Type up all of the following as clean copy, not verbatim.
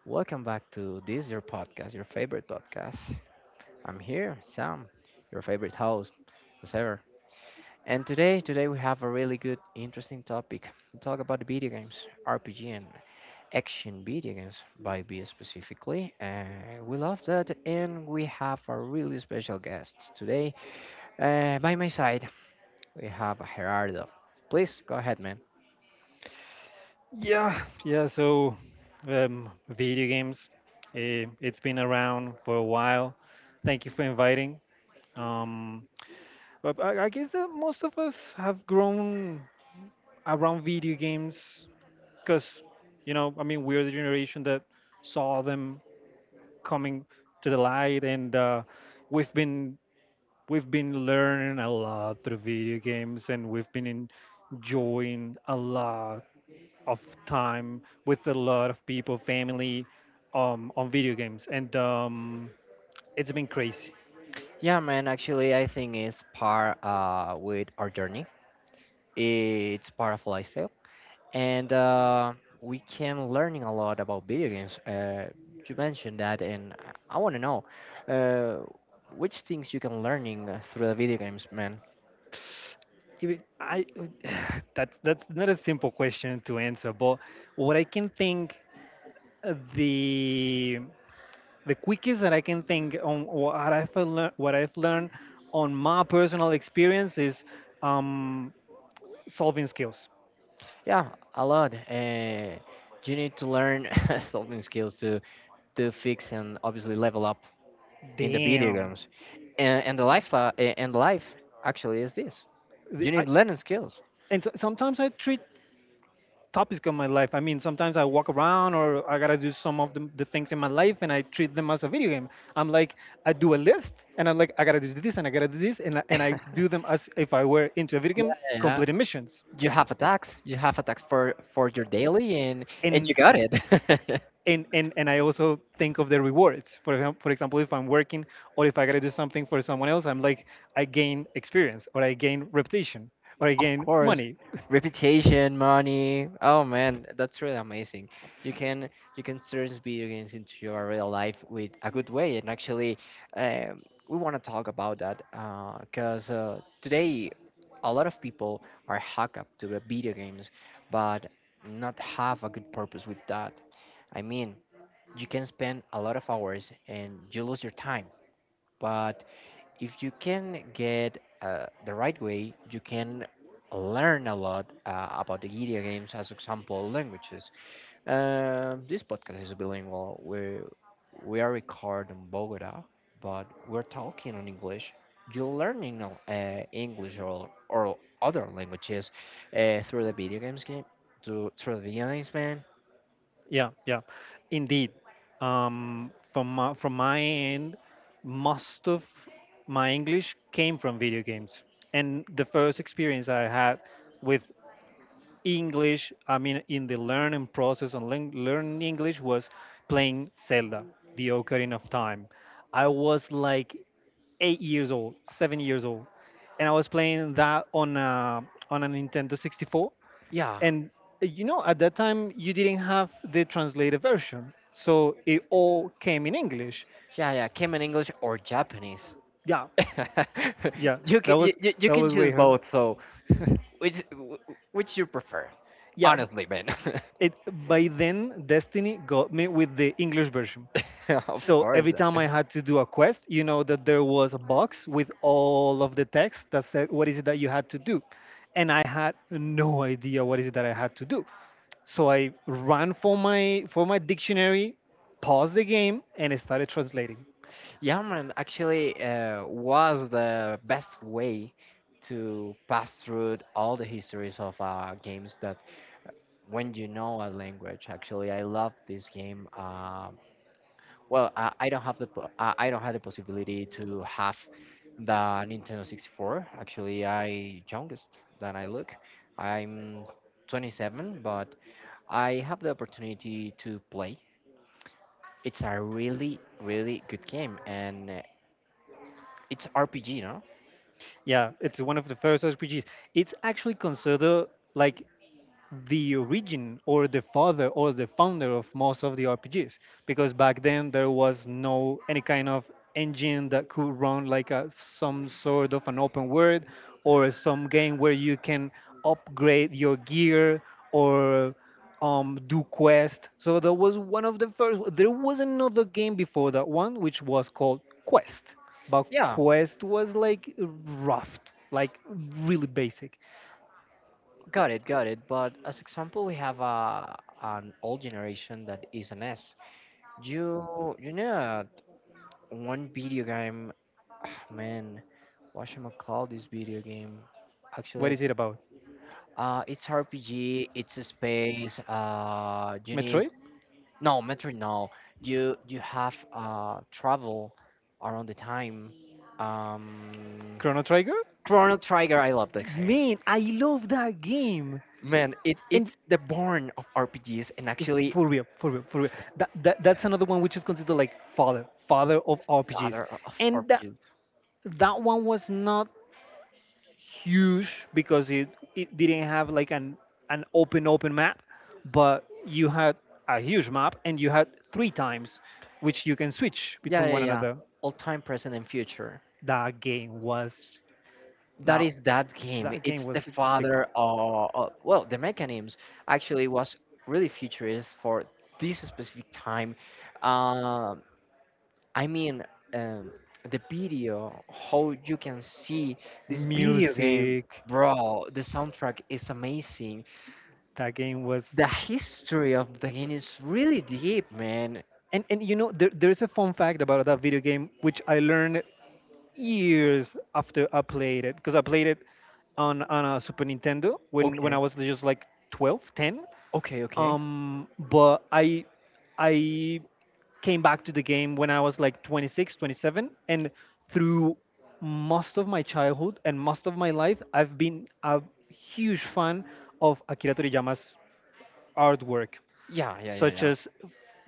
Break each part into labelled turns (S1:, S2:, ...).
S1: Welcome back to this your podcast, your favorite podcast. I'm here, Sam, your favorite host, as ever. And today we have a really good, interesting topic. We talk about the video games, RPG and action video games, by B specifically. We love that, and we have a really special guest today. By my side, we have Gerardo. Please go ahead, man.
S2: Yeah, yeah. So, video games, it's been around for a while. Thank you for inviting. Um, but I guess that most of us have grown around video games because, I mean, we're the generation that saw them coming to the light, and we've been we've been learning a lot through video games, and we've been enjoying a lot of time with a lot of people, family, on video games, and it's been crazy.
S1: Yeah, man, actually, I think it's part with our journey. It's part of lifestyle, and we can learning a lot about video games. You mentioned that, and I want to know uh, which things you can learning through the video games, man.
S2: Even I, that's not a simple question to answer, but what I can think, uh, the the quickest that I can think on what I've learned on my personal experience is um, solving skills.
S1: Yeah, a lot. You need to learn solving skills to fix and obviously level up in the video
S2: Damn.
S1: games, and the lifestyle and life actually is this. You
S2: The- I,
S1: need learning skills.
S2: and so, sometimes I treat topics of my life. I mean, sometimes I walk around or I gotta do some of the things in my life and I treat them as a video game. I'm like, I do a list and I'm like, I gotta do this and I gotta do this and I do them as if I were into a video
S1: Yeah,
S2: game,
S1: yeah.
S2: completing missions.
S1: You have a tax. You have a tax for your daily, and you
S2: And
S1: got it.
S2: and I also think of the rewards. For example, if I'm working or if I gotta do something for someone else, I'm like, I gain experience or I gain reputation or I
S1: Of
S2: gain
S1: course,
S2: money.
S1: reputation, money. Oh man, that's really amazing. You can you can turn video games into your real life with a good way. And actually, um, we want to talk about that because today a lot of people are hooked up to the video games, but not have a good purpose with that. I mean, you can spend a lot of hours and you lose your time but if you can get the right way, you can learn a lot about the video games, as example, languages. This podcast is bilingual. We are recorded in Bogota, but we're talking on English. You're learning English or other languages through the video games, through the video games, man.
S2: Yeah, yeah, indeed. From my end, most of my English came from video games, and the first experience I had with English, I mean, in the learning process on learning English was playing Zelda, the Ocarina of Time. I was like 8 years old, 7 years old, and I was playing that on a Nintendo 64.
S1: Yeah,
S2: And at that time, you didn't have the translated version, so it all came in English.
S1: yeah, yeah. Cayman English or Japanese.
S2: Yeah, yeah,
S1: You
S2: that
S1: can
S2: was
S1: you
S2: that
S1: can
S2: was way
S1: choose
S2: hard.
S1: both, so Which wh- which you prefer,
S2: yeah,
S1: honestly, man?
S2: it by then Destiny got me with the English version.
S1: Of
S2: So
S1: course.
S2: every time I had to do a quest, you know that there was a box with all of the text that said what is it that you had to do. And I had no idea what is it that I had to do. So I ran for my dictionary, paused the game, and I started translating.
S1: Yeah, man. Actually, was the best way to pass through all the histories of games that when you know a language. Actually, I love this game. Well, I don't have the I don't have the possibility to have the Nintendo 64. Actually, I youngest than I look. I'm 27, but I have the opportunity to play. It's a really, really good game, and it's RPG, no?
S2: Yeah, it's one of the first RPGs. It's actually considered like the origin or the father or the founder of most of the RPGs because back then there was no any kind of engine that could run like a, some sort of an open world, or some game where you can upgrade your gear or do quest. So that was one of the first. There was another game before that one, which was called Quest, but
S1: Yeah,
S2: Quest was like rough, like really basic.
S1: got it, got it. But as example, we have a an old generation that is an S. You know that one video game, man. What should I call this video game? Actually,
S2: What
S1: I-
S2: is it about?
S1: it's RPG. It's a space. You need
S2: Metroid?
S1: no, metro, no. You have travel around the time. Um,
S2: Chrono Trigger?
S1: Chrono Trigger, I love the game.
S2: Man, I love that game.
S1: Man, it
S2: And
S1: it's the born of RPGs and
S2: if-
S1: actually
S2: for real, for real, for real. That's another one, which is considered like father, father of RPGs.
S1: father of
S2: And that
S1: RPGs.
S2: that one was not huge because it didn't have like an open map, but you had a huge map and you had three times which you can switch
S1: Yeah,
S2: between
S1: yeah,
S2: one
S1: yeah.
S2: another.
S1: All time, present, and future.
S2: That game was
S1: That
S2: Now,
S1: is that game.
S2: that game
S1: It's the
S2: was the
S1: father
S2: god.
S1: of well, the mechanisms actually was really futurist for this specific time. Um, I mean, um, the video, how you can see this video game,
S2: Music.
S1: bro, the soundtrack is amazing.
S2: That game was
S1: The history of the game is really deep, man.
S2: And you know, there's a fun fact about that video game, which I learned years after I played it because I played it on a Super Nintendo, when I
S1: Okay,
S2: was just like 12 10.
S1: okay, okay.
S2: But I came back to the game when I was like 26 27, and through most of my childhood and most of my life I've been a huge fan of Akira Toriyama's artwork,
S1: Yeah, yeah, yeah,
S2: such
S1: yeah.
S2: as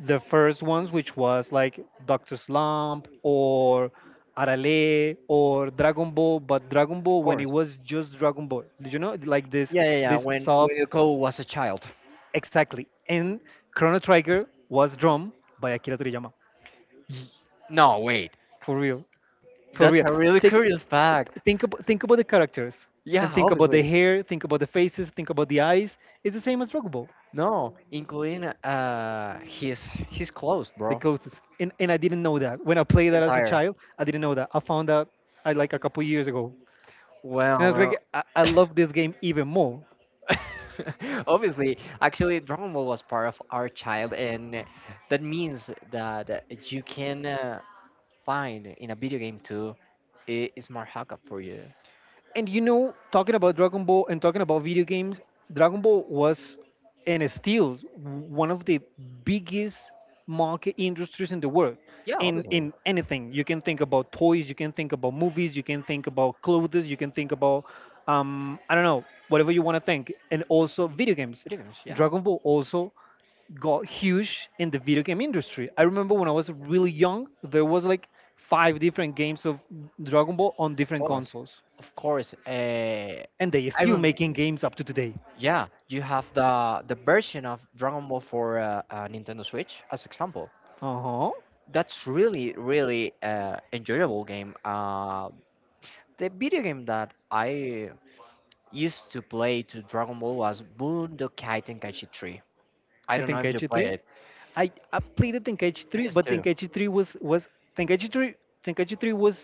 S2: the first ones, which was like Doctor Slump or Arale or Dragon Ball, but Dragon
S1: Of
S2: Ball when it
S1: course.
S2: was just Dragon Ball. Did you know, like this
S1: Yeah, yeah, yeah.
S2: this
S1: When
S2: soft,
S1: Yoko was a child.
S2: exactly. And Chrono Trigger was drawn by Akira Toriyama,
S1: Y- No, wait.
S2: for real, for
S1: That's
S2: real.
S1: a really
S2: Take
S1: curious fact.
S2: think about the characters, and
S1: Yeah,
S2: think about the
S1: obviously.
S2: hair, think about the faces, think about the eyes. It's the same as Dragon Ball.
S1: No, including his clothes,
S2: The
S1: bro.
S2: closest. And I didn't know that. When I played that as a, Right,
S1: Entire.
S2: child, I didn't know that. I found out I like a couple years ago. And
S1: Well,
S2: I, Wow, was like, I
S1: well.
S2: love this game even more.
S1: Obviously, actually, Dragon Ball was part of our child, and that means that you can find in a video game too a smart hookup for you.
S2: And talking about Dragon Ball and talking about video games, Dragon Ball was and is still one of the biggest market industries in the world.
S1: Yeah,
S2: In
S1: obviously,
S2: in anything, you can think about toys, you can think about movies, you can think about clothes, you can think about I don't know, whatever you want to think, and also video games.
S1: video games. Yeah,
S2: Dragon Ball also got huge in the video game industry. I remember when I was really young, there was like five different games of Dragon Ball on
S1: of
S2: different
S1: course,
S2: consoles,
S1: of course.
S2: and they are
S1: I
S2: still
S1: remember.
S2: making games up to today.
S1: Yeah, you have the version of Dragon Ball for Nintendo Switch as example.
S2: Uh huh.
S1: That's really really enjoyable game. The video game that I used to play to Dragon Ball was Budokai Tenkaichi 3. I
S2: I
S1: don't know
S2: think
S1: if you play
S2: H3.
S1: it.
S2: I played the Tenkaichi 3, but
S1: PS2.
S2: Tenkaichi 3 was was Tenkaichi 3 Tenkaichi 3 was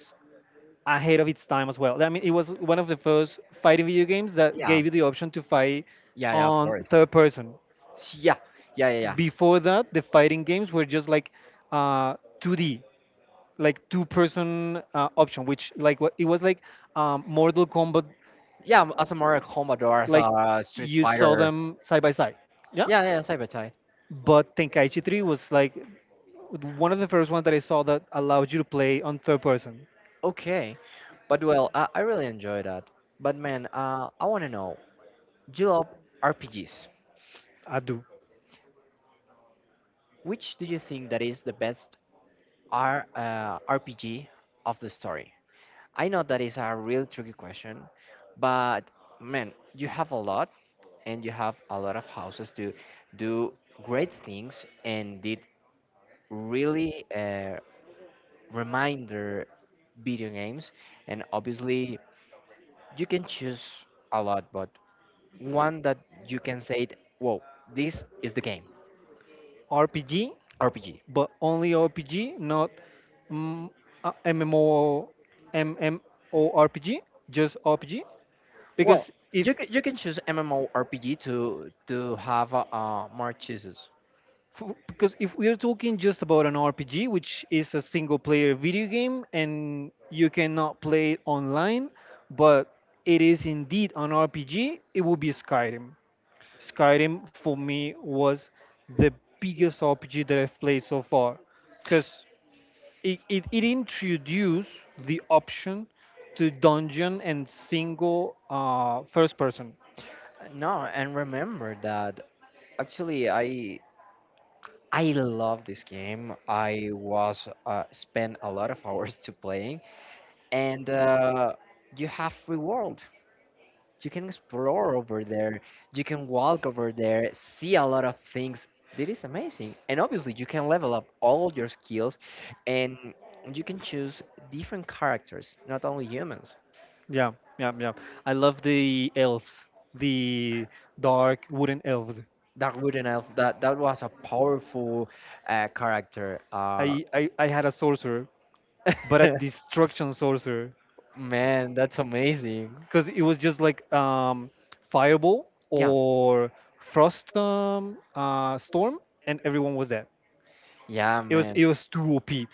S2: ahead of its time as well. I mean, it was one of the first fighting video games that
S1: Yeah.
S2: gave you the option to fight
S1: Yeah, yeah, of
S2: on
S1: course.
S2: third person.
S1: Yeah. Yeah, yeah, yeah.
S2: Before that, the fighting games were just like uh, 2D, like two-person option, which like what it was like Mortal Kombat,
S1: Yeah, as a Mortal Kombat or as
S2: like
S1: a Street
S2: you saw
S1: Fighter.
S2: them side by side. Yeah.
S1: Yeah, yeah, Cyber Tide.
S2: But Tenkaichi 3 was like one of the first ones that I saw that allowed you to play on third person.
S1: Okay. But well, I really enjoy that. But man, I want to know, do you love RPGs?
S2: I do.
S1: Which do you think that is the best RPG of the story? I know that is a real tricky question, but man, you have a lot and you have a lot of houses to do great things and did really reminder video games and obviously you can choose a lot but one that you can say it, whoa this is the game
S2: RPG,
S1: rpg
S2: but only RPG, not mm, MMO, MMORPG, just RPG.
S1: well
S2: Because if
S1: you can choose mmorpg to have more choices
S2: because if we are talking just about an RPG, which is a single player video game and you cannot play it online, but it is indeed an RPG, it would be Skyrim. Skyrim for me was the biggest RPG that I've played so far because it introduced the option to dungeon and single first person.
S1: no and remember that actually I love this game. I was spent a lot of hours to playing, and you have free world. You can explore over there. You can walk over there, see a lot of things. That is amazing. And obviously, you can level up all your skills, and you can choose different characters, not only humans.
S2: Yeah, yeah, yeah. I love the elves, the dark wooden elves.
S1: Dark Wooden Elf. That that was a powerful character.
S2: I had a sorcerer, but a destruction sorcerer,
S1: Man, that's amazing.
S2: because it was just like fireball
S1: Yeah,
S2: or frost storm, and everyone was dead.
S1: yeah,
S2: It was
S1: man.
S2: it was too OP.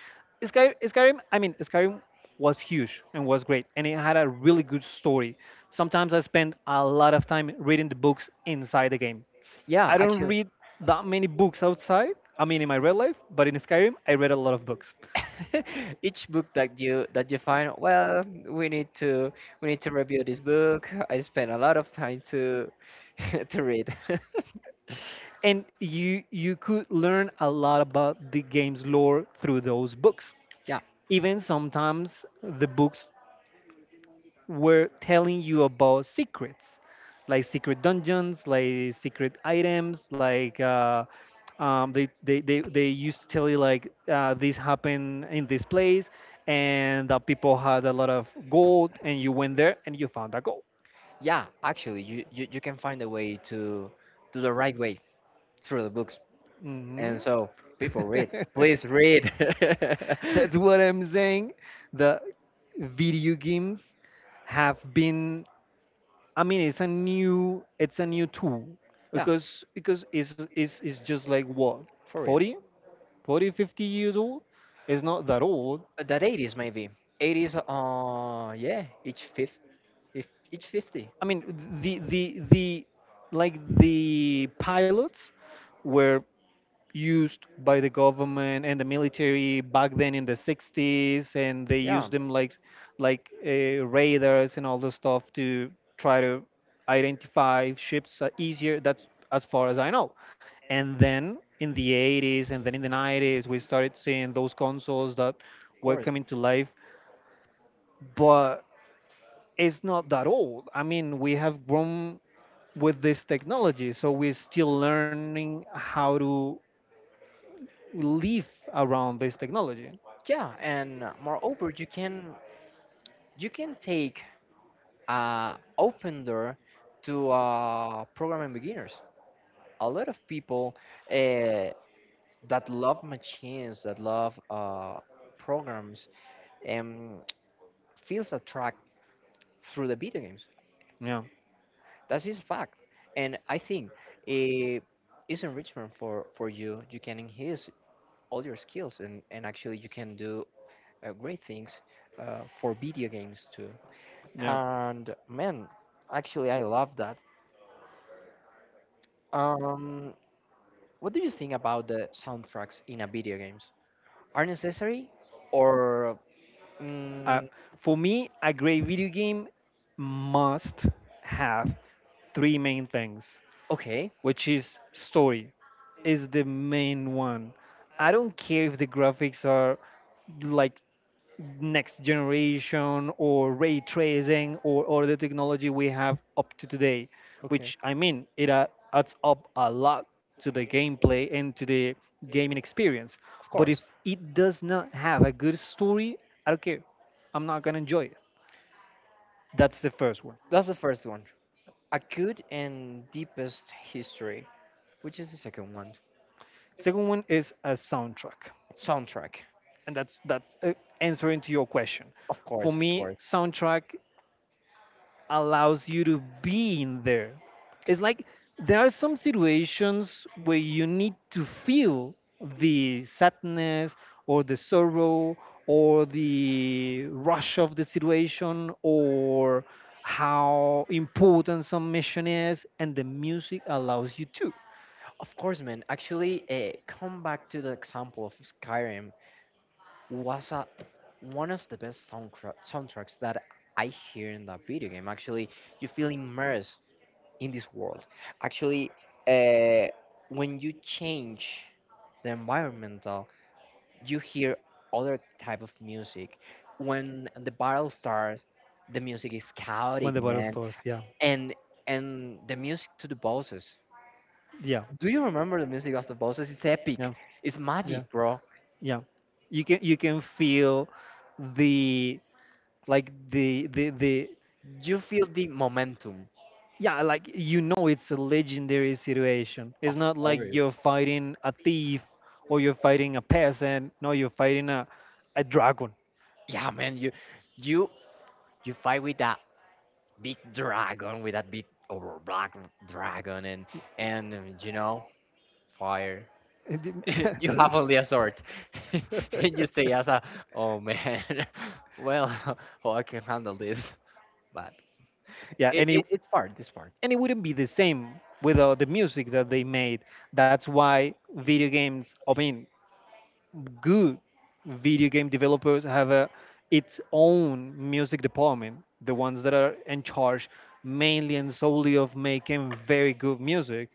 S2: Skyrim, I mean, Skyrim was huge and was great, and it had a really good story. Sometimes I spend a lot of time reading the books inside the game.
S1: Yeah,
S2: I don't
S1: actually.
S2: read that many books outside. I mean, in my real life, but in Skyrim, I read a lot of books,
S1: Each book that you find well we need to we need to review this book I spent a lot of time to to read
S2: and you could learn a lot about the game's lore through those books.
S1: Yeah,
S2: Even sometimes the books were telling you about secrets, like secret dungeons, like secret items, like they used to tell you like this happened in this place, and people had a lot of gold, and you went there and you found a gold.
S1: yeah. Actually, you, you can find a way to the right way through the books,
S2: Mhm.
S1: and so people read. Please read.
S2: That's what I'm saying. The video games have been I mean, it's a new tool,
S1: Yeah,
S2: because it's just like what
S1: for real.
S2: 40, 40, 50 years old. It's not that old.
S1: That eighties maybe eighties. Yeah, each fifth, if each 50.
S2: I mean, the like the pilots were used by the government and the military back then in the 60s, and they
S1: Yeah,
S2: used them like radars and all the stuff to try to identify ships easier. That's as far as I know. And then in the 80s, and then in the 90s we started seeing those consoles that
S1: of
S2: were
S1: course.
S2: coming to life. But it's not that old. I mean, we have grown with this technology, so we're still learning how to live around this technology.
S1: Yeah, and moreover, you can take open door to programming beginners. A lot of people uh, that love machines, that love programs, um, feels attract through the video games.
S2: Yeah,
S1: That is a fact, and I think it is enrichment for you. You can enhance all your skills, and actually you can do great things for video games too.
S2: yeah.
S1: And man, actually I love that. Um, What do you think about the soundtracks in a video games? Are necessary or
S2: Uh,
S1: mm,
S2: for me, a great video game must have three main things,
S1: okay?
S2: which is story, is the main one. I don't care if the graphics are like next generation or ray tracing or all the technology we have up to today,
S1: Okay,
S2: which I mean, it adds up a lot to the gameplay and to the gaming experience.
S1: of
S2: But
S1: course.
S2: if it does not have a good story, I don't care. I'm not gonna enjoy it. That's the first one.
S1: That's the first one. A good and deepest history, which is the second one.
S2: Second one is a soundtrack,
S1: Soundtrack,
S2: and that's answering to your question.
S1: of
S2: For
S1: course, of
S2: me,
S1: course,
S2: soundtrack allows you to be in there. It's like there are some situations where you need to feel the sadness or the sorrow or the rush of the situation or how important some mission is, and the music allows you to.
S1: of course, man. Actually, come back to the example of Skyrim was a, one of the best soundtracks that I hear in that video game. Actually, you feel immersed in this world. Actually, uh, when you change the environmental, you hear other type of music. When the battle starts, the music is
S2: When
S1: chaotic,
S2: the battle
S1: man,
S2: starts, yeah,
S1: and and the music to the bosses.
S2: yeah,
S1: Do you remember the music of the bosses? It's
S2: yeah,
S1: epic. It's
S2: yeah,
S1: magic, bro.
S2: yeah, you can feel the, like the,
S1: You feel the momentum,
S2: yeah, like you know it's a legendary situation. It's
S1: of
S2: not like you're
S1: course.
S2: fighting a thief or you're fighting a peasant. No, you're fighting a dragon.
S1: Yeah, man. You you you fight with that big dragon with that big or black dragon and you know fire you have only
S2: Probably.
S1: a sword and you say as a oh man well oh I can handle this but
S2: Yeah, and
S1: it's part this part
S2: and it wouldn't be the same without the music that they made. That's why video games, I mean good video game developers have a, its own music department, the ones that are in charge mainly and solely of making very good music.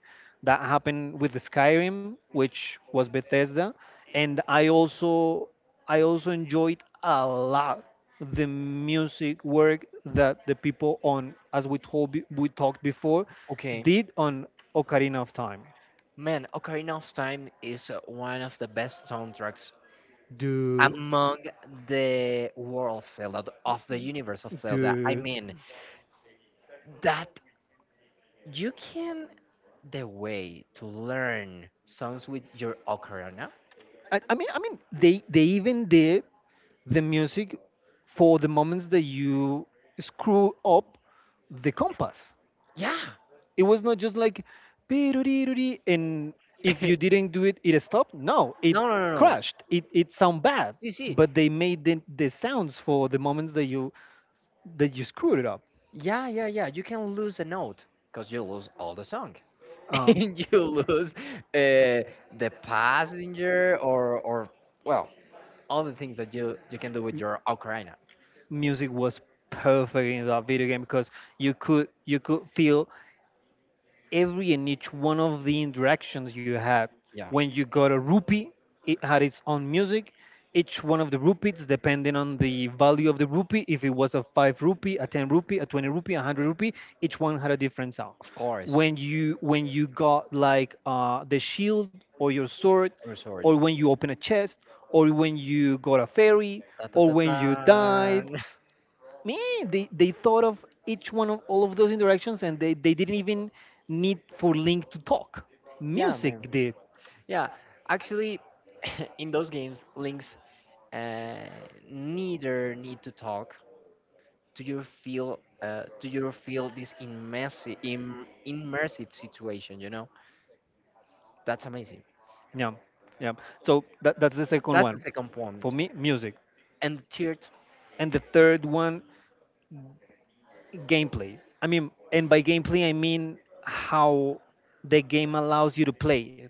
S2: That happened with Skyrim, which was Bethesda, and I also enjoyed a lot the music work that the people on, as we we talked before,
S1: okay
S2: did on Ocarina of Time.
S1: man ocarina of time is one of the best soundtracks
S2: Do
S1: among the world of zelda of the universe of zelda I
S2: do
S1: mean that you can the way to learn songs with your ocarina?
S2: I mean they even did the music for the moments that you screw up the compass.
S1: Yeah.
S2: It was not just like "Piruriri," and if you didn't do it it stopped. No, it
S1: No, no.
S2: crashed. It sound bad,
S1: See, see.
S2: but they made the sounds for the moments that you screwed it up.
S1: Yeah, yeah, yeah. You can lose a note because you lose all the song.
S2: Uh,
S1: And you lose uh, the passenger or well, all the things that you can do with your ocarina.
S2: Music was perfect in that video game because you could feel every and each one of the interactions you had.
S1: Yeah,
S2: When you got a rupee, it had its own music. Each one of the rupees, depending on the value of the rupee, if it was a five rupee, a ten rupee, a 20 rupee, a hundred rupee, each one had a different sound.
S1: of course.
S2: When you got like the shield or your sword,
S1: Or sorry.
S2: or when you open a chest, or when you got a fairy,
S1: Da, da,
S2: or
S1: da,
S2: when you died,
S1: da.
S2: man, they thought of each one of all of those interactions and they didn't even need for link to talk.
S1: Yeah,
S2: Music
S1: man.
S2: did.
S1: Yeah. Actually, in those games, Links uh, neither need to talk do you feel this immersive immersive situation you know that's amazing
S2: Yeah, yeah. So that's the second
S1: that's the
S2: one
S1: second
S2: for
S1: point.
S2: me, music.
S1: And the third
S2: And the third one, gameplay. I mean, and by gameplay I mean how the game allows you to play it,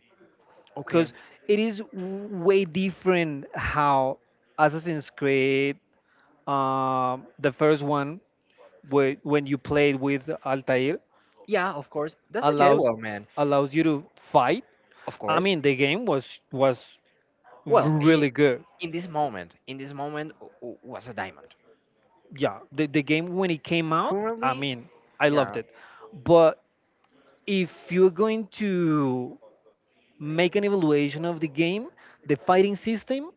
S2: because
S1: okay
S2: it is way different how Assassin's Creed, the first one, where, when you played with Altair,
S1: yeah of course that's a
S2: allows
S1: jewel, man
S2: allows you to fight.
S1: of
S2: I
S1: course
S2: mean, the game was
S1: well
S2: really good.
S1: in this moment was a diamond
S2: Yeah, the game when it came out, I
S1: currently
S2: mean, I loved
S1: yeah
S2: it. But if you're going to make an evaluation of the game, the fighting system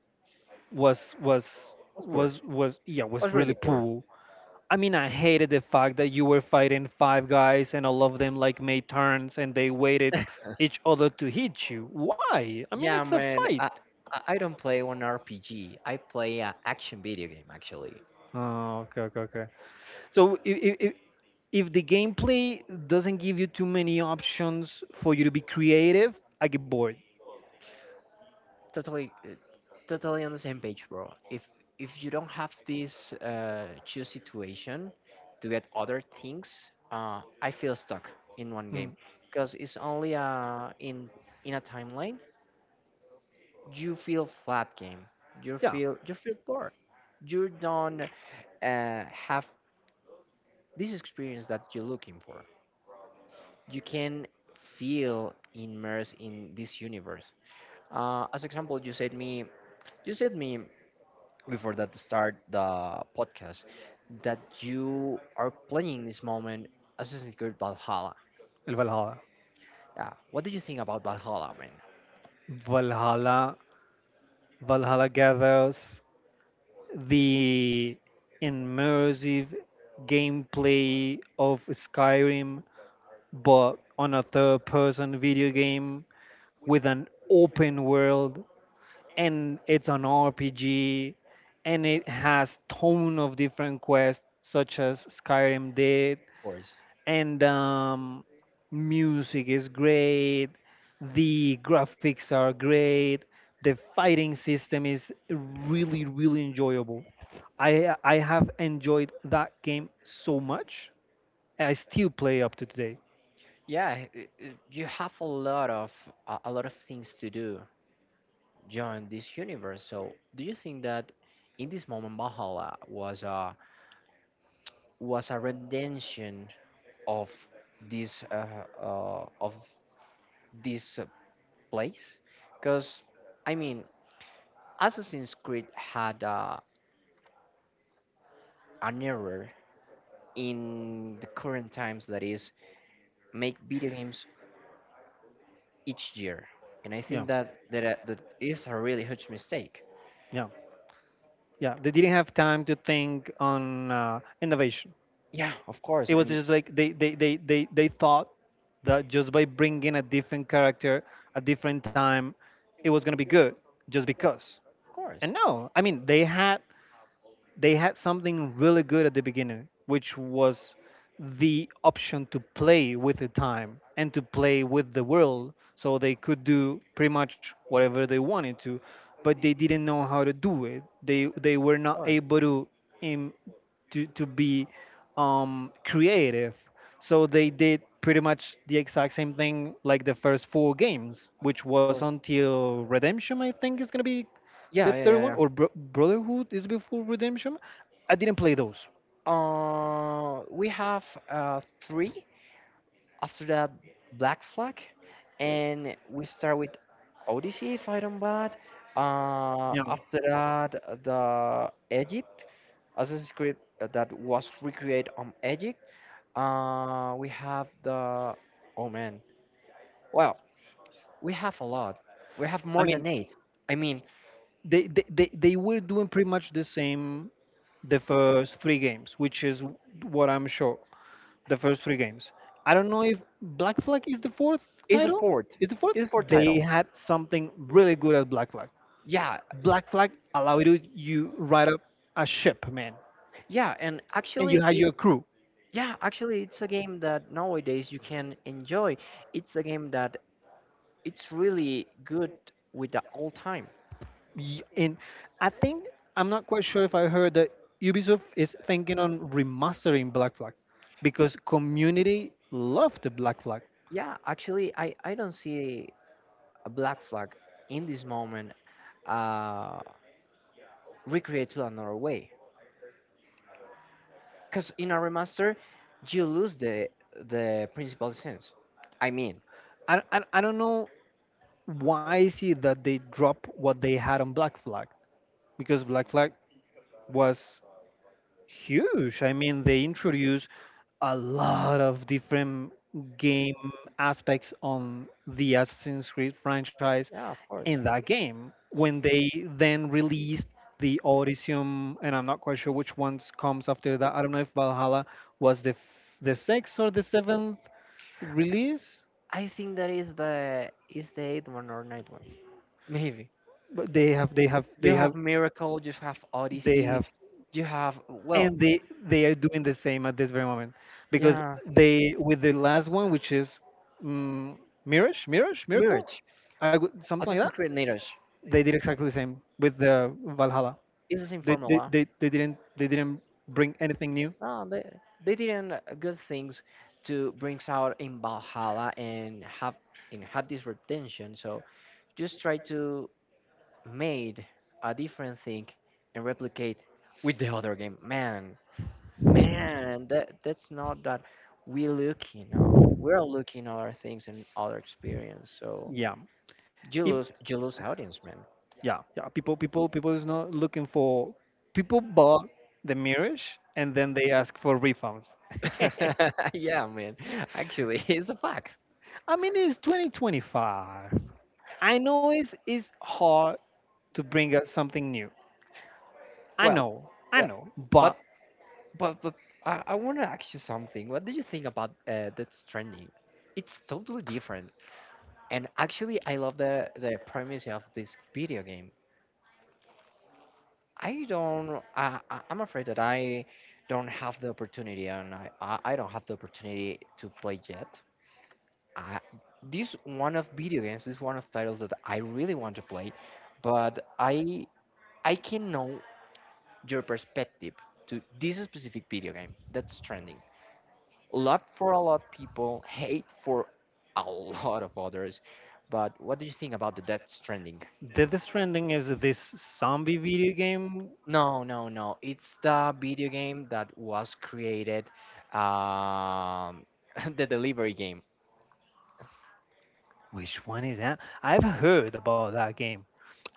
S2: was was
S1: was poor
S2: was was yeah, was
S1: was
S2: really
S1: really poor
S2: poor. I mean, I hated the fact that you were fighting five guys and all of them like made turns and they waited each other to hit you. Why? I mean,
S1: yeah
S2: it's a
S1: man
S2: fight.
S1: I don't play one rpg I play an action video game actually
S2: Oh, okay, okay, okay. So if, the gameplay doesn't give you too many options for you to be creative, I get bored.
S1: Totally, totally on the same page, bro. If you don't have this choose situation to get other things, I feel stuck in one
S2: Mm.
S1: game because it's only in a timeline you feel flat game. You
S2: Yeah,
S1: feel bored. You don't have this experience that you're looking for. You can feel immersed in this universe. As example, you said me. Before that start the podcast that you are playing this moment Assassin's Creed Valhalla.
S2: El Valhalla.
S1: Yeah, what do you think about Valhalla, man? Of
S2: Valhalla. Valhalla gathers the immersive gameplay of Skyrim, but on a third-person video game with an open world, and it's an RPG, and it has ton of different quests such as Skyrim did.
S1: course.
S2: And music is great. The graphics are great. The fighting system is really, really enjoyable. I have enjoyed that game so much. I still play up to today.
S1: Yeah, you have a lot of a lot of things to do during this universe. So, do you think that in this moment Valhalla was a redemption of this uh, uh, of this place? Because I mean, Assassin's Creed had an error in the current times that is make video games each year and i
S2: Yeah,
S1: think that that, uh, that is a really huge mistake.
S2: yeah, yeah. They didn't have time to think on innovation.
S1: Yeah, of course,
S2: It was
S1: and of
S2: just like they thought that just by bringing a different character, a different time, it was gonna be good just because.
S1: course,
S2: And no, I mean they had something really good at the beginning, which was the option to play with the time and to play with the world. So they could do pretty much whatever they wanted to, but they didn't know how to do it. They were
S1: of
S2: not
S1: course,
S2: able to im- to be creative. So they did pretty much the exact same thing like the first four games, which
S1: of
S2: was
S1: course.
S2: until Redemption, I think, is gonna be the
S1: Yeah, yeah,
S2: third
S1: yeah,
S2: one.
S1: yeah.
S2: Or Brotherhood is before Redemption. I didn't play those.
S1: We have three. After that, Black Flag, and we start with Odyssey if I don't bad.
S2: Yeah.
S1: After that, the Egypt Assassin's Creed that was recreated on Egypt. We have the. Oh man. Well, we have a lot. We have
S2: I
S1: more
S2: mean,
S1: than eight. I mean,
S2: they were doing pretty much the same, the first three games, which is what I'm sure. The first three games. I don't know if Black Flag is the fourth
S1: it's a
S2: title.
S1: fourth.
S2: Is the fourth?
S1: It's a fourth
S2: They
S1: title.
S2: had something really good at Black Flag.
S1: Yeah,
S2: Black Flag allowed you, you ride up a ship, man,
S1: yeah, and
S2: and you
S1: actually,
S2: had
S1: it,
S2: your crew.
S1: yeah, actually, it's a game that nowadays you can enjoy. It's a game that it's really good with the old time.
S2: And I think I'm not quite sure if I heard that Ubisoft is thinking on remastering Black Flag because community loved the Black Flag.
S1: Yeah, actually, I don't see a Black Flag in this moment. Uh, Recreate to another way. Because in a remaster, you lose the principal sense. I mean,
S2: I don't know why is it that they drop what they had on Black Flag, because Black Flag was huge. I mean, they introduce a lot of different game aspects on the Assassin's Creed franchise
S1: yeah, of
S2: in
S1: course.
S2: that game. When they then released the Odyssey,and I'm not quite sure which ones comes after that. I don't know if Valhalla was the the sixth or the seventh release,
S1: I think that is the eighth one or ninth one. Maybe
S2: but they have they have they
S1: you have
S2: have
S1: Miracle, you have
S2: they
S1: Odyssey,
S2: have
S1: you have well,
S2: and they are doing the same at this very moment because
S1: yeah,
S2: they with the last one, which is um, mirage miracle,
S1: Mirage,
S2: I would something like that,
S1: Assassin's Creed Mirage.
S2: they did exactly the same with the Valhalla.
S1: It's the same
S2: they they,
S1: formula.
S2: they, they didn't, they didn't bring anything new.
S1: No, they didn't good things to brings out in Valhalla and have and had this retention. So just try to made a different thing and replicate with the other game. Man, man, that's not that we looking now. We're looking at other things and other experience. So
S2: Yeah.
S1: you
S2: If,
S1: lose you lose audience, man.
S2: yeah, yeah, people is not looking for, people bought the mirage and then they ask for refunds.
S1: Yeah, man. Actually, it's a fact.
S2: I mean, it's 2025. I know it's hard to bring us something new.
S1: Well,
S2: I
S1: well,
S2: know,
S1: but
S2: but
S1: but I want to ask you something. What do you think about that's trending? It's totally different, and actually, I love the premise of this video game. I don't. I'm afraid that I don't have the opportunity, and I don't have the opportunity to play yet. I, this one of video games, this one of titles that I really want to play, but I can know your perspective to this specific video game that's trending. Love for a lot of people, hate for a lot of others. But what do you think about the Death Stranding?
S2: the trending is this zombie video game.
S1: No, no, no. It's the video game that was created, um, the delivery game.
S2: Which one is that? I've heard about that game.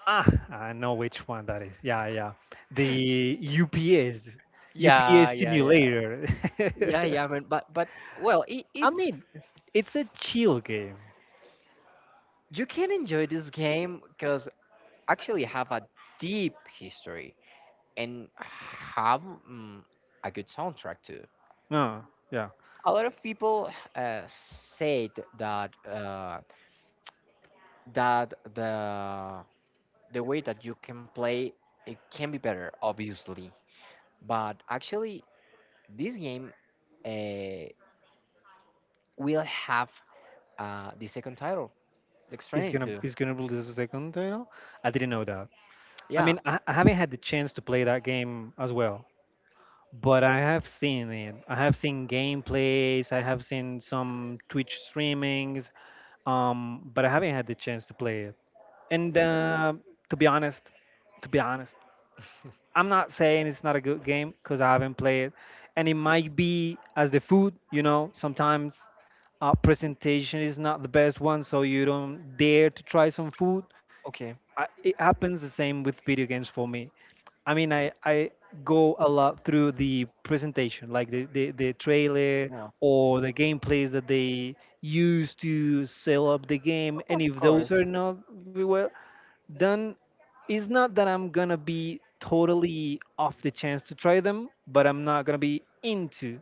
S2: Ah, I know which one that is. Yeah, yeah. The
S1: Yeah,
S2: UPS
S1: yeah, yeah,
S2: simulator.
S1: yeah, yeah. Man, but well,
S2: I
S1: it's
S2: mean, it's a chill game.
S1: you can enjoy this game because actually have a deep history and have mm, a good soundtrack too.
S2: No, yeah.
S1: A lot of people said that uh, that the way that you can play it can be better, obviously. But actually, this game uh, will have the second title, like Stranding 2.
S2: It's gonna release a second title. I didn't know that. I
S1: Yeah,
S2: mean, I haven't had the chance to play that game as well, but I have seen it. I have seen gameplays. I have seen some Twitch streamings. But I haven't had the chance to play it. And to be honest, to be honest, I'm not saying it's not a good game because I haven't played it. And it might be as the food, you know. Sometimes presentation is not the best one, so you don't dare to try some food.
S1: okay.
S2: I, it happens the same with video games for me. I mean, I go a lot through the presentation, like the trailer
S1: Yeah.
S2: or the gameplays that they use to sell up the game.
S1: Of
S2: And if those
S1: course,
S2: are not very well done, it's not that I'm gonna be totally off the chance to try them, but I'm not gonna be into.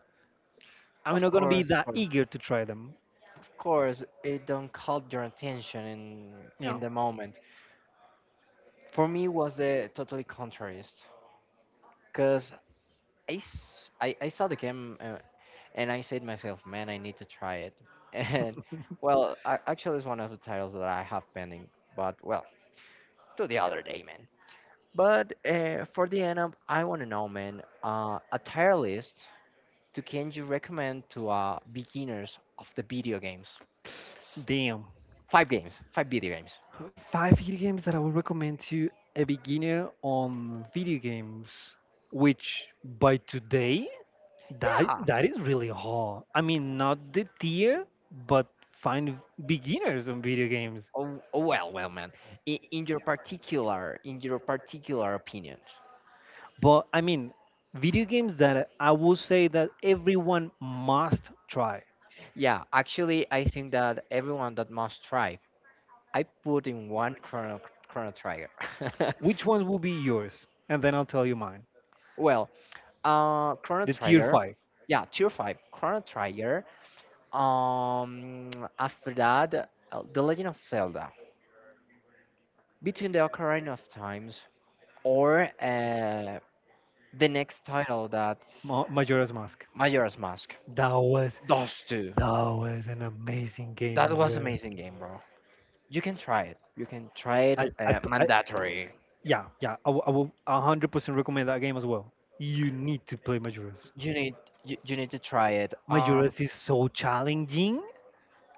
S2: I'm
S1: of
S2: not gonna be
S1: course, of
S2: that
S1: course.
S2: eager to try them.
S1: Of course, it don't caught your attention
S2: Yeah,
S1: in the moment. For me, was the totally contrariest, cause I saw the game and I said myself, man, I need to try it. And well, actually, it's one of the titles that I have pending. But well, to the other day, man. But for the end up, I want to know, man, a tier list to can you recommend to beginners of the video games?
S2: damn.
S1: Five games, five video games.
S2: Five video games that I would recommend to a beginner on video games, which by today, that
S1: Yeah.
S2: that is really hard. I mean, not the tier, but find beginners on video games.
S1: Oh, oh well, well, man. In your particular, in your particular opinion.
S2: But I mean, video games that I will say that everyone must try.
S1: Yeah, actually, I think that everyone that must try. I put in one Chrono Trigger.
S2: Which ones will be yours? And then I'll tell you mine.
S1: Well, Chrono
S2: The tier
S1: Trigger.
S2: five,
S1: Yeah, tier five. Chrono Trigger. Um, After that, The Legend of Zelda, Between the Ocarina of Times, or the next title that
S2: Majora's Mask.
S1: Majora's Mask.
S2: That was
S1: Those two.
S2: that was an amazing game
S1: That
S2: as
S1: was
S2: well.
S1: amazing game, bro. You can try it. You can try
S2: I,
S1: it.
S2: I, p- I-
S1: Mandatory.
S2: yeah, yeah, I will 100% recommend that game as well. You need to play Majora's.
S1: You need you, you need to try it.
S2: Majora's is so challenging,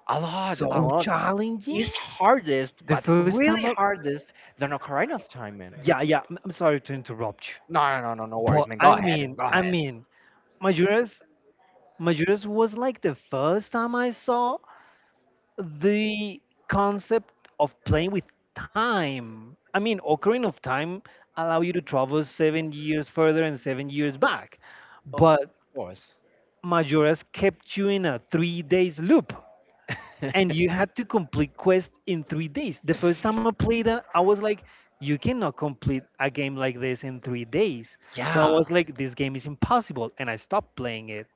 S1: A lot, a
S2: so
S1: lot.
S2: challenging.
S1: It's hardest,
S2: The
S1: but
S2: first time,
S1: really hardest than Ocarina of Time, man.
S2: yeah, yeah. I'm sorry to interrupt you,
S1: No, no, no, no, no worries,
S2: but
S1: man. Go ahead, go
S2: I
S1: ahead.
S2: mean, Majora's, Majora's was like the first time I saw the concept of playing with time. I mean, Ocarina of Time allow you to travel 7 years further and 7 years back,
S1: Oh,
S2: but
S1: of course.
S2: Majora's kept you in a 3 days loop, and you had to complete quests in 3 days. The first time I played that, I was like, you cannot complete a game like this in 3 days. So I
S1: Yeah.
S2: was like, this game is impossible, and I stopped playing it.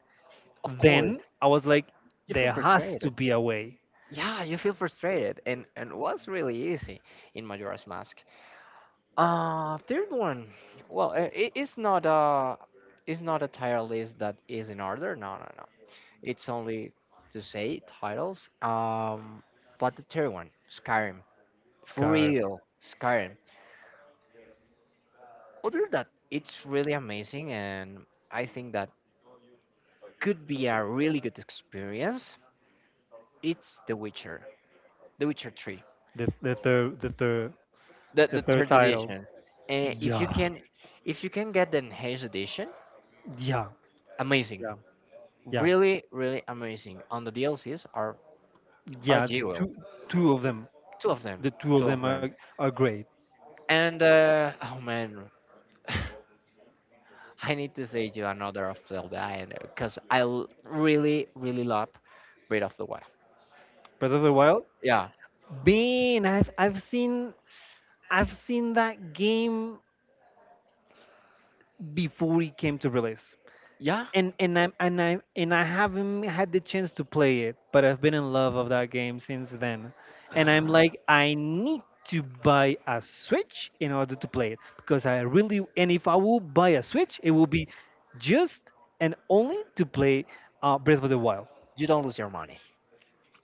S1: Of course,
S2: Then I was like,
S1: you feel
S2: there has to
S1: frustrated.
S2: be a way.
S1: Yeah, you feel frustrated, and was really easy in Majora's Mask. Third one. Well, it, it's not a title list that is in order. No, no, no. It's only to say titles. But the third one, Skyrim, for
S2: Scar.
S1: real, Skyrim. Other than that, it's really amazing, and I think that could be a really good experience. It's The Witcher, The Witcher 3.
S2: The third
S1: the
S2: the
S1: the
S2: third
S1: third
S2: title.
S1: edition. And
S2: Yeah,
S1: if you can get the enhanced edition,
S2: yeah,
S1: amazing,
S2: yeah, yeah,
S1: really, really amazing. On the DLCs are
S2: yeah.
S1: jewel,
S2: Two, two of them.
S1: two of them,
S2: The two
S1: two
S2: of
S1: of
S2: them
S1: them.
S2: are great.
S1: And oh man, I need to say you another of Zelda, and because really, really love Breath of the Wild.
S2: Breath of the Wild.
S1: Yeah,
S2: Bane, I've seen, I've seen that game before it came to release.
S1: yeah.
S2: And I haven't had the chance to play it, but I've been in love of that game since then. And I'm
S1: uh,
S2: like, I need to buy a Switch in order to play it because I really, and if I will buy a Switch, it will be just and only to play Breath of the Wild.
S1: you don't lose your money.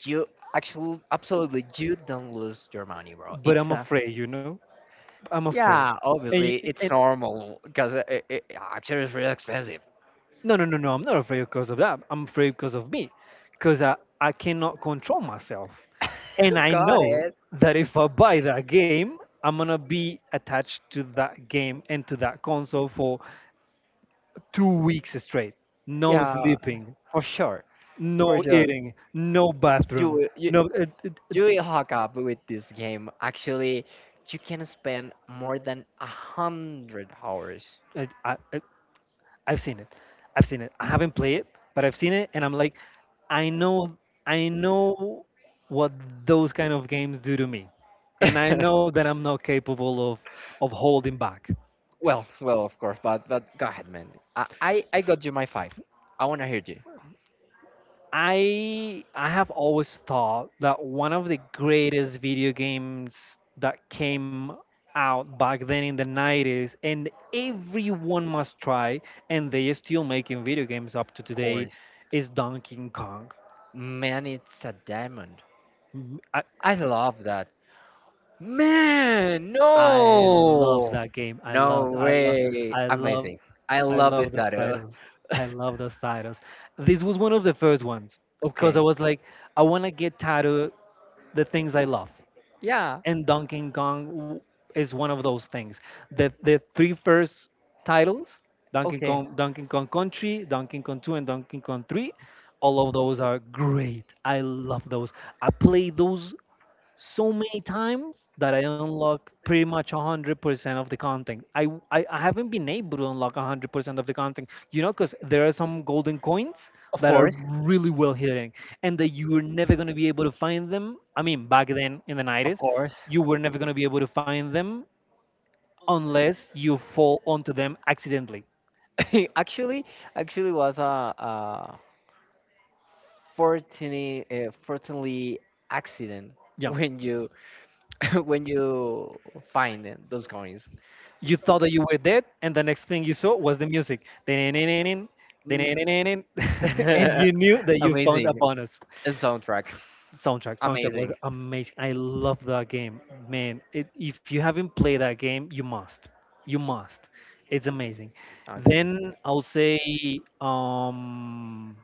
S1: You actually, absolutely, you don't lose your money, bro.
S2: But
S1: It's
S2: I'm
S1: a
S2: afraid, you know, I'm afraid.
S1: Yeah,
S2: And,
S1: obviously it's
S2: and
S1: normal because actually it's really expensive.
S2: no, no, no, no. I'm not afraid because of that. I'm afraid because of me, because I cannot control myself. And I
S1: Got
S2: know
S1: it.
S2: that if I buy that game, I'm going to be attached to that game and to that console for 2 weeks straight. No
S1: Yeah,
S2: sleeping,
S1: for sure,
S2: no
S1: for sure.
S2: eating, no bathroom.
S1: You
S2: No,
S1: you will hook up with this game. Actually, you can spend more than a hundred hours.
S2: it, I, I've seen it. I've seen it. I haven't played it, but I've seen it, and I'm like, I know, I know what those kind of games do to me, and I know that I'm not capable of holding back.
S1: Well, well, of course, but go ahead, man. I got you my five. I wanna hear you.
S2: I have always thought that one of the greatest video games that came out back then in the 90s and everyone must try, and they are still making video games up to
S1: Of
S2: today,
S1: course.
S2: is Donkey Kong.
S1: Man, it's a diamond.
S2: M- I-
S1: I love that. Man,
S2: I love
S1: no.
S2: that game.
S1: No way.
S2: I love,
S1: Amazing. I
S2: I
S1: love this
S2: love those
S1: data.
S2: titles. I love those titles. This was one of the first ones because I
S1: Okay.
S2: was like, I want to get tattooed the things I love,
S1: Yeah,
S2: and is one of those things. The three first titles, Donkey
S1: okay.
S2: Kong, Donkey Kong Country, Donkey Kong 2, and Donkey Kong 3, all of those are great. I love those. I played those so many times that I unlock pretty much 100% of the content. I haven't been able to unlock 100% of the content, you know, because there are some golden coins
S1: Of
S2: that are
S1: course.
S2: really well hidden and that you were never going to be able to find them. I mean, back then in the
S1: Of
S2: 90s,
S1: course.
S2: you were never going to be able to find them unless you fall onto them accidentally.
S1: Actually, actually was a fortunately, fortunately accident
S2: Yeah.
S1: when you when you find them- those coins.
S2: You thought that you were dead, and the next thing you saw was the music. And
S1: Mm.
S2: you knew that you found a
S1: Amazing.
S2: bonus.
S1: And soundtrack.
S2: Soundtrack was
S1: Amazing.
S2: amazing. I love that game, man. If you haven't played that game, you must, you must. It's amazing.
S1: Oh, it's
S2: Then
S1: amazing.
S2: I'll say um,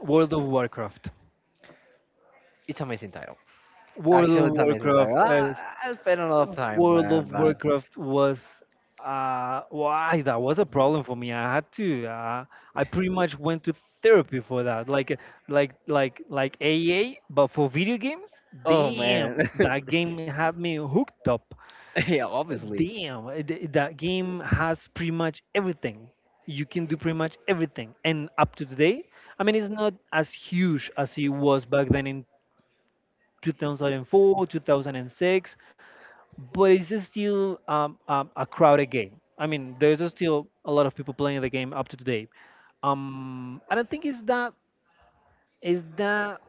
S2: World of Warcraft.
S1: It's amazing title.
S2: World
S1: Actually,
S2: of
S1: it's amazing time.
S2: Warcraft as
S1: I spent a lot of time,
S2: World of
S1: man, but
S2: Warcraft was, why, that was a problem for me. I had to I pretty much went to therapy for that. Like like AA but for video games.
S1: oh man,
S2: Damn, that game had me hooked up.
S1: yeah, obviously.
S2: Damn, that game has pretty much everything. You can do pretty much everything. And up to today, I mean it's not as huge as it was back then in 2004, 2006, but it's still a crowded game. I mean, there's still a lot of people playing the game up to today. I don't think it's that is that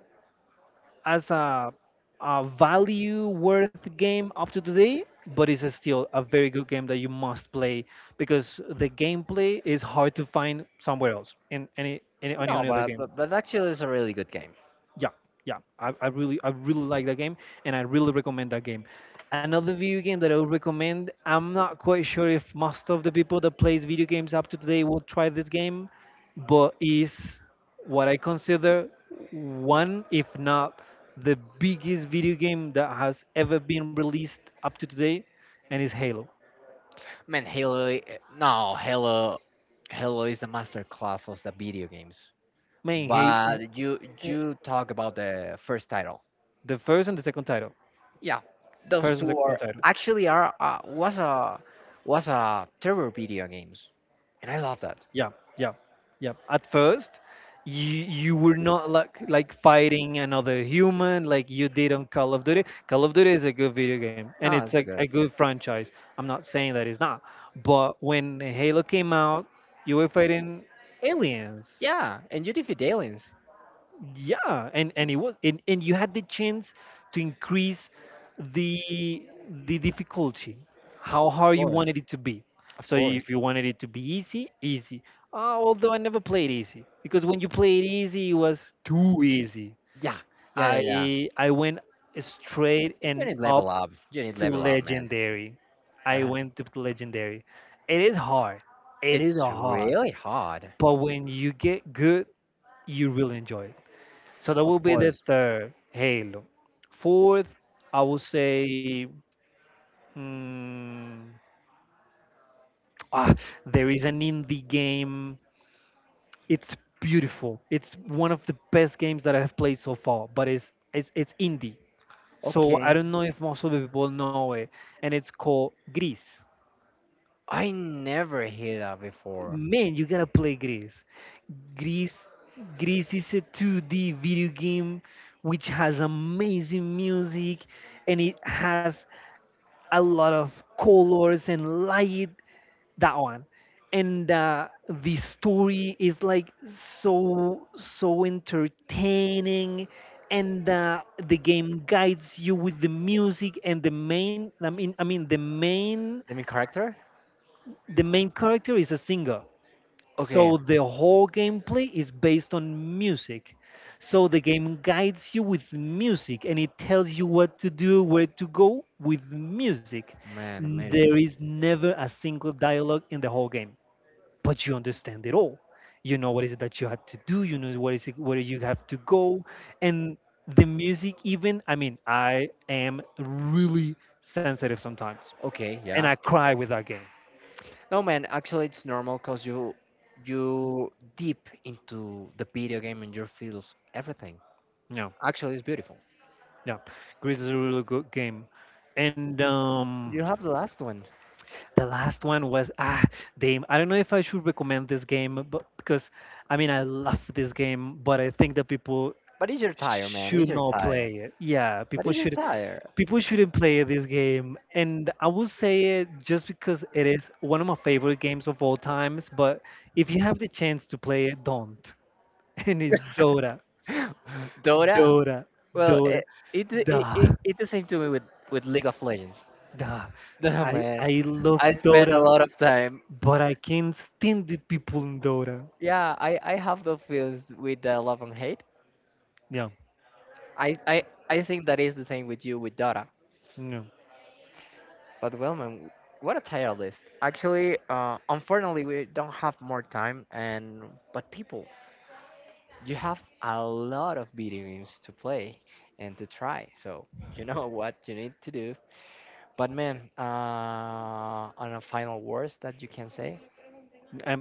S2: as a value worth game up to today, but it's still a very good game that you must play because the gameplay is hard to find somewhere else in
S1: No,
S2: any other game.
S1: but actually, it's a really good game.
S2: Yeah, yeah, I really like that game and I really recommend that game. Another video game that I would recommend, I'm not quite sure if most of the people that plays video games up to today will try this game, but is what I consider one, if not the biggest video game that has ever been released up to today, and is Halo.
S1: Man, no, Halo. Halo is the master class of the video games.
S2: Man halo eh,
S1: But you
S2: eh,
S1: you talk about the first title.
S2: The first and the second title.
S1: Yeah, those
S2: first and
S1: two
S2: second
S1: are
S2: title
S1: actually are was a terror video games, and I love that.
S2: Yeah, yeah, yeah. At first, you were not like fighting another human like you did on Call of Duty. Call of Duty is a good video game and
S1: No,
S2: it's
S1: it's so
S2: a
S1: good.
S2: good franchise. I'm not saying that it's not, but when Halo came out, you were fighting aliens.
S1: Yeah, and you defeat aliens.
S2: Yeah and it was, and you had the chance to increase the the difficulty, how
S1: Of
S2: hard you
S1: course,
S2: wanted it to be.
S1: of
S2: So
S1: course.
S2: if you wanted it to be easy, easy... Ah, although I never played easy, because when you played easy it was too easy.
S1: Yeah, yeah, yeah, yeah.
S2: I went straight
S1: You
S2: and
S1: need
S2: up
S1: level up. You need
S2: to
S1: level up, man.
S2: legendary. I
S1: Uh,
S2: went to legendary. It is hard, it is
S1: it's
S2: hard,
S1: really hard,
S2: but when you get good you really enjoy it. So that
S1: of
S2: will be the
S1: course.
S2: third Halo. Fourth, I would say, mm, ah, there is an indie game. It's beautiful. It's one of the best games that I have played so far, but it's indie. So
S1: Okay,
S2: I don't know if most of the people know it, and it's called Gris.
S1: I never hear that before.
S2: Man, you gotta play Gris. Gris, Gris is a 2D video game which has amazing music and it has a lot of colors and light. That one. And the story is like so entertaining. And the game guides you with the music and the main, the main...
S1: The main character?
S2: The main character is a singer,
S1: Okay,
S2: so the whole gameplay is based on music. So the game guides you with music and it tells you what to do, where to go with music.
S1: man,
S2: There
S1: amazing.
S2: is never a single dialogue in the whole game, but you understand it all. You know what is it that you have to do, you know what is it where you have to go. And the music, even, I mean, I am really sensitive sometimes,
S1: Okay,
S2: and I
S1: yeah.
S2: cry with that game.
S1: No, man, actually, it's normal because you deep into the video game and you feels everything.
S2: No.
S1: Actually, it's beautiful.
S2: Yeah, Greece is a really good game. And
S1: You have the last one,
S2: the last one was, ah, Dame. I don't know if I should recommend this game, but because I mean I love this game, but I think that people
S1: but is your tire, man?
S2: should
S1: Is your
S2: not
S1: tire?
S2: play it. Yeah,
S1: But is your tire?
S2: people shouldn't play this game. And I will say it just because it is one of my favorite games of all times. But if you have the chance to play it, don't. And it's Dota.
S1: Dora?
S2: Dota,
S1: Well,
S2: Dota. Duh.
S1: it the same to me with League of Legends.
S2: Nah,
S1: Damn man,
S2: I love
S1: I spend a
S2: Dota,
S1: lot of time.
S2: but I can't stand the people in Dota.
S1: Yeah, I have those feelings with the love and hate.
S2: No,
S1: I I think that is the same with you with Dota.
S2: no.
S1: But well, man, what a tier list. Actually, unfortunately, we don't have more time. And but people, you have a lot of video games to play and to try. So you know what you need to do. But man, on a final words that you can say.
S2: I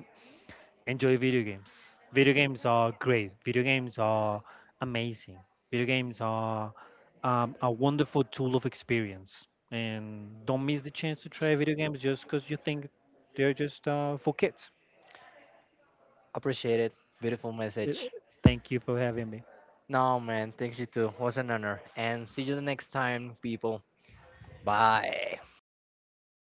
S2: enjoy video games. Video games are great. Video games are amazing. Video games are, a wonderful tool of experience. And don't miss the chance to try video games just because you think they're just for kids.
S1: Appreciate it. Beautiful
S2: Uh,
S1: message.
S2: Thank you for having me.
S1: No, man. Thanks you too. Was an honor. And see you the next time, people. Bye.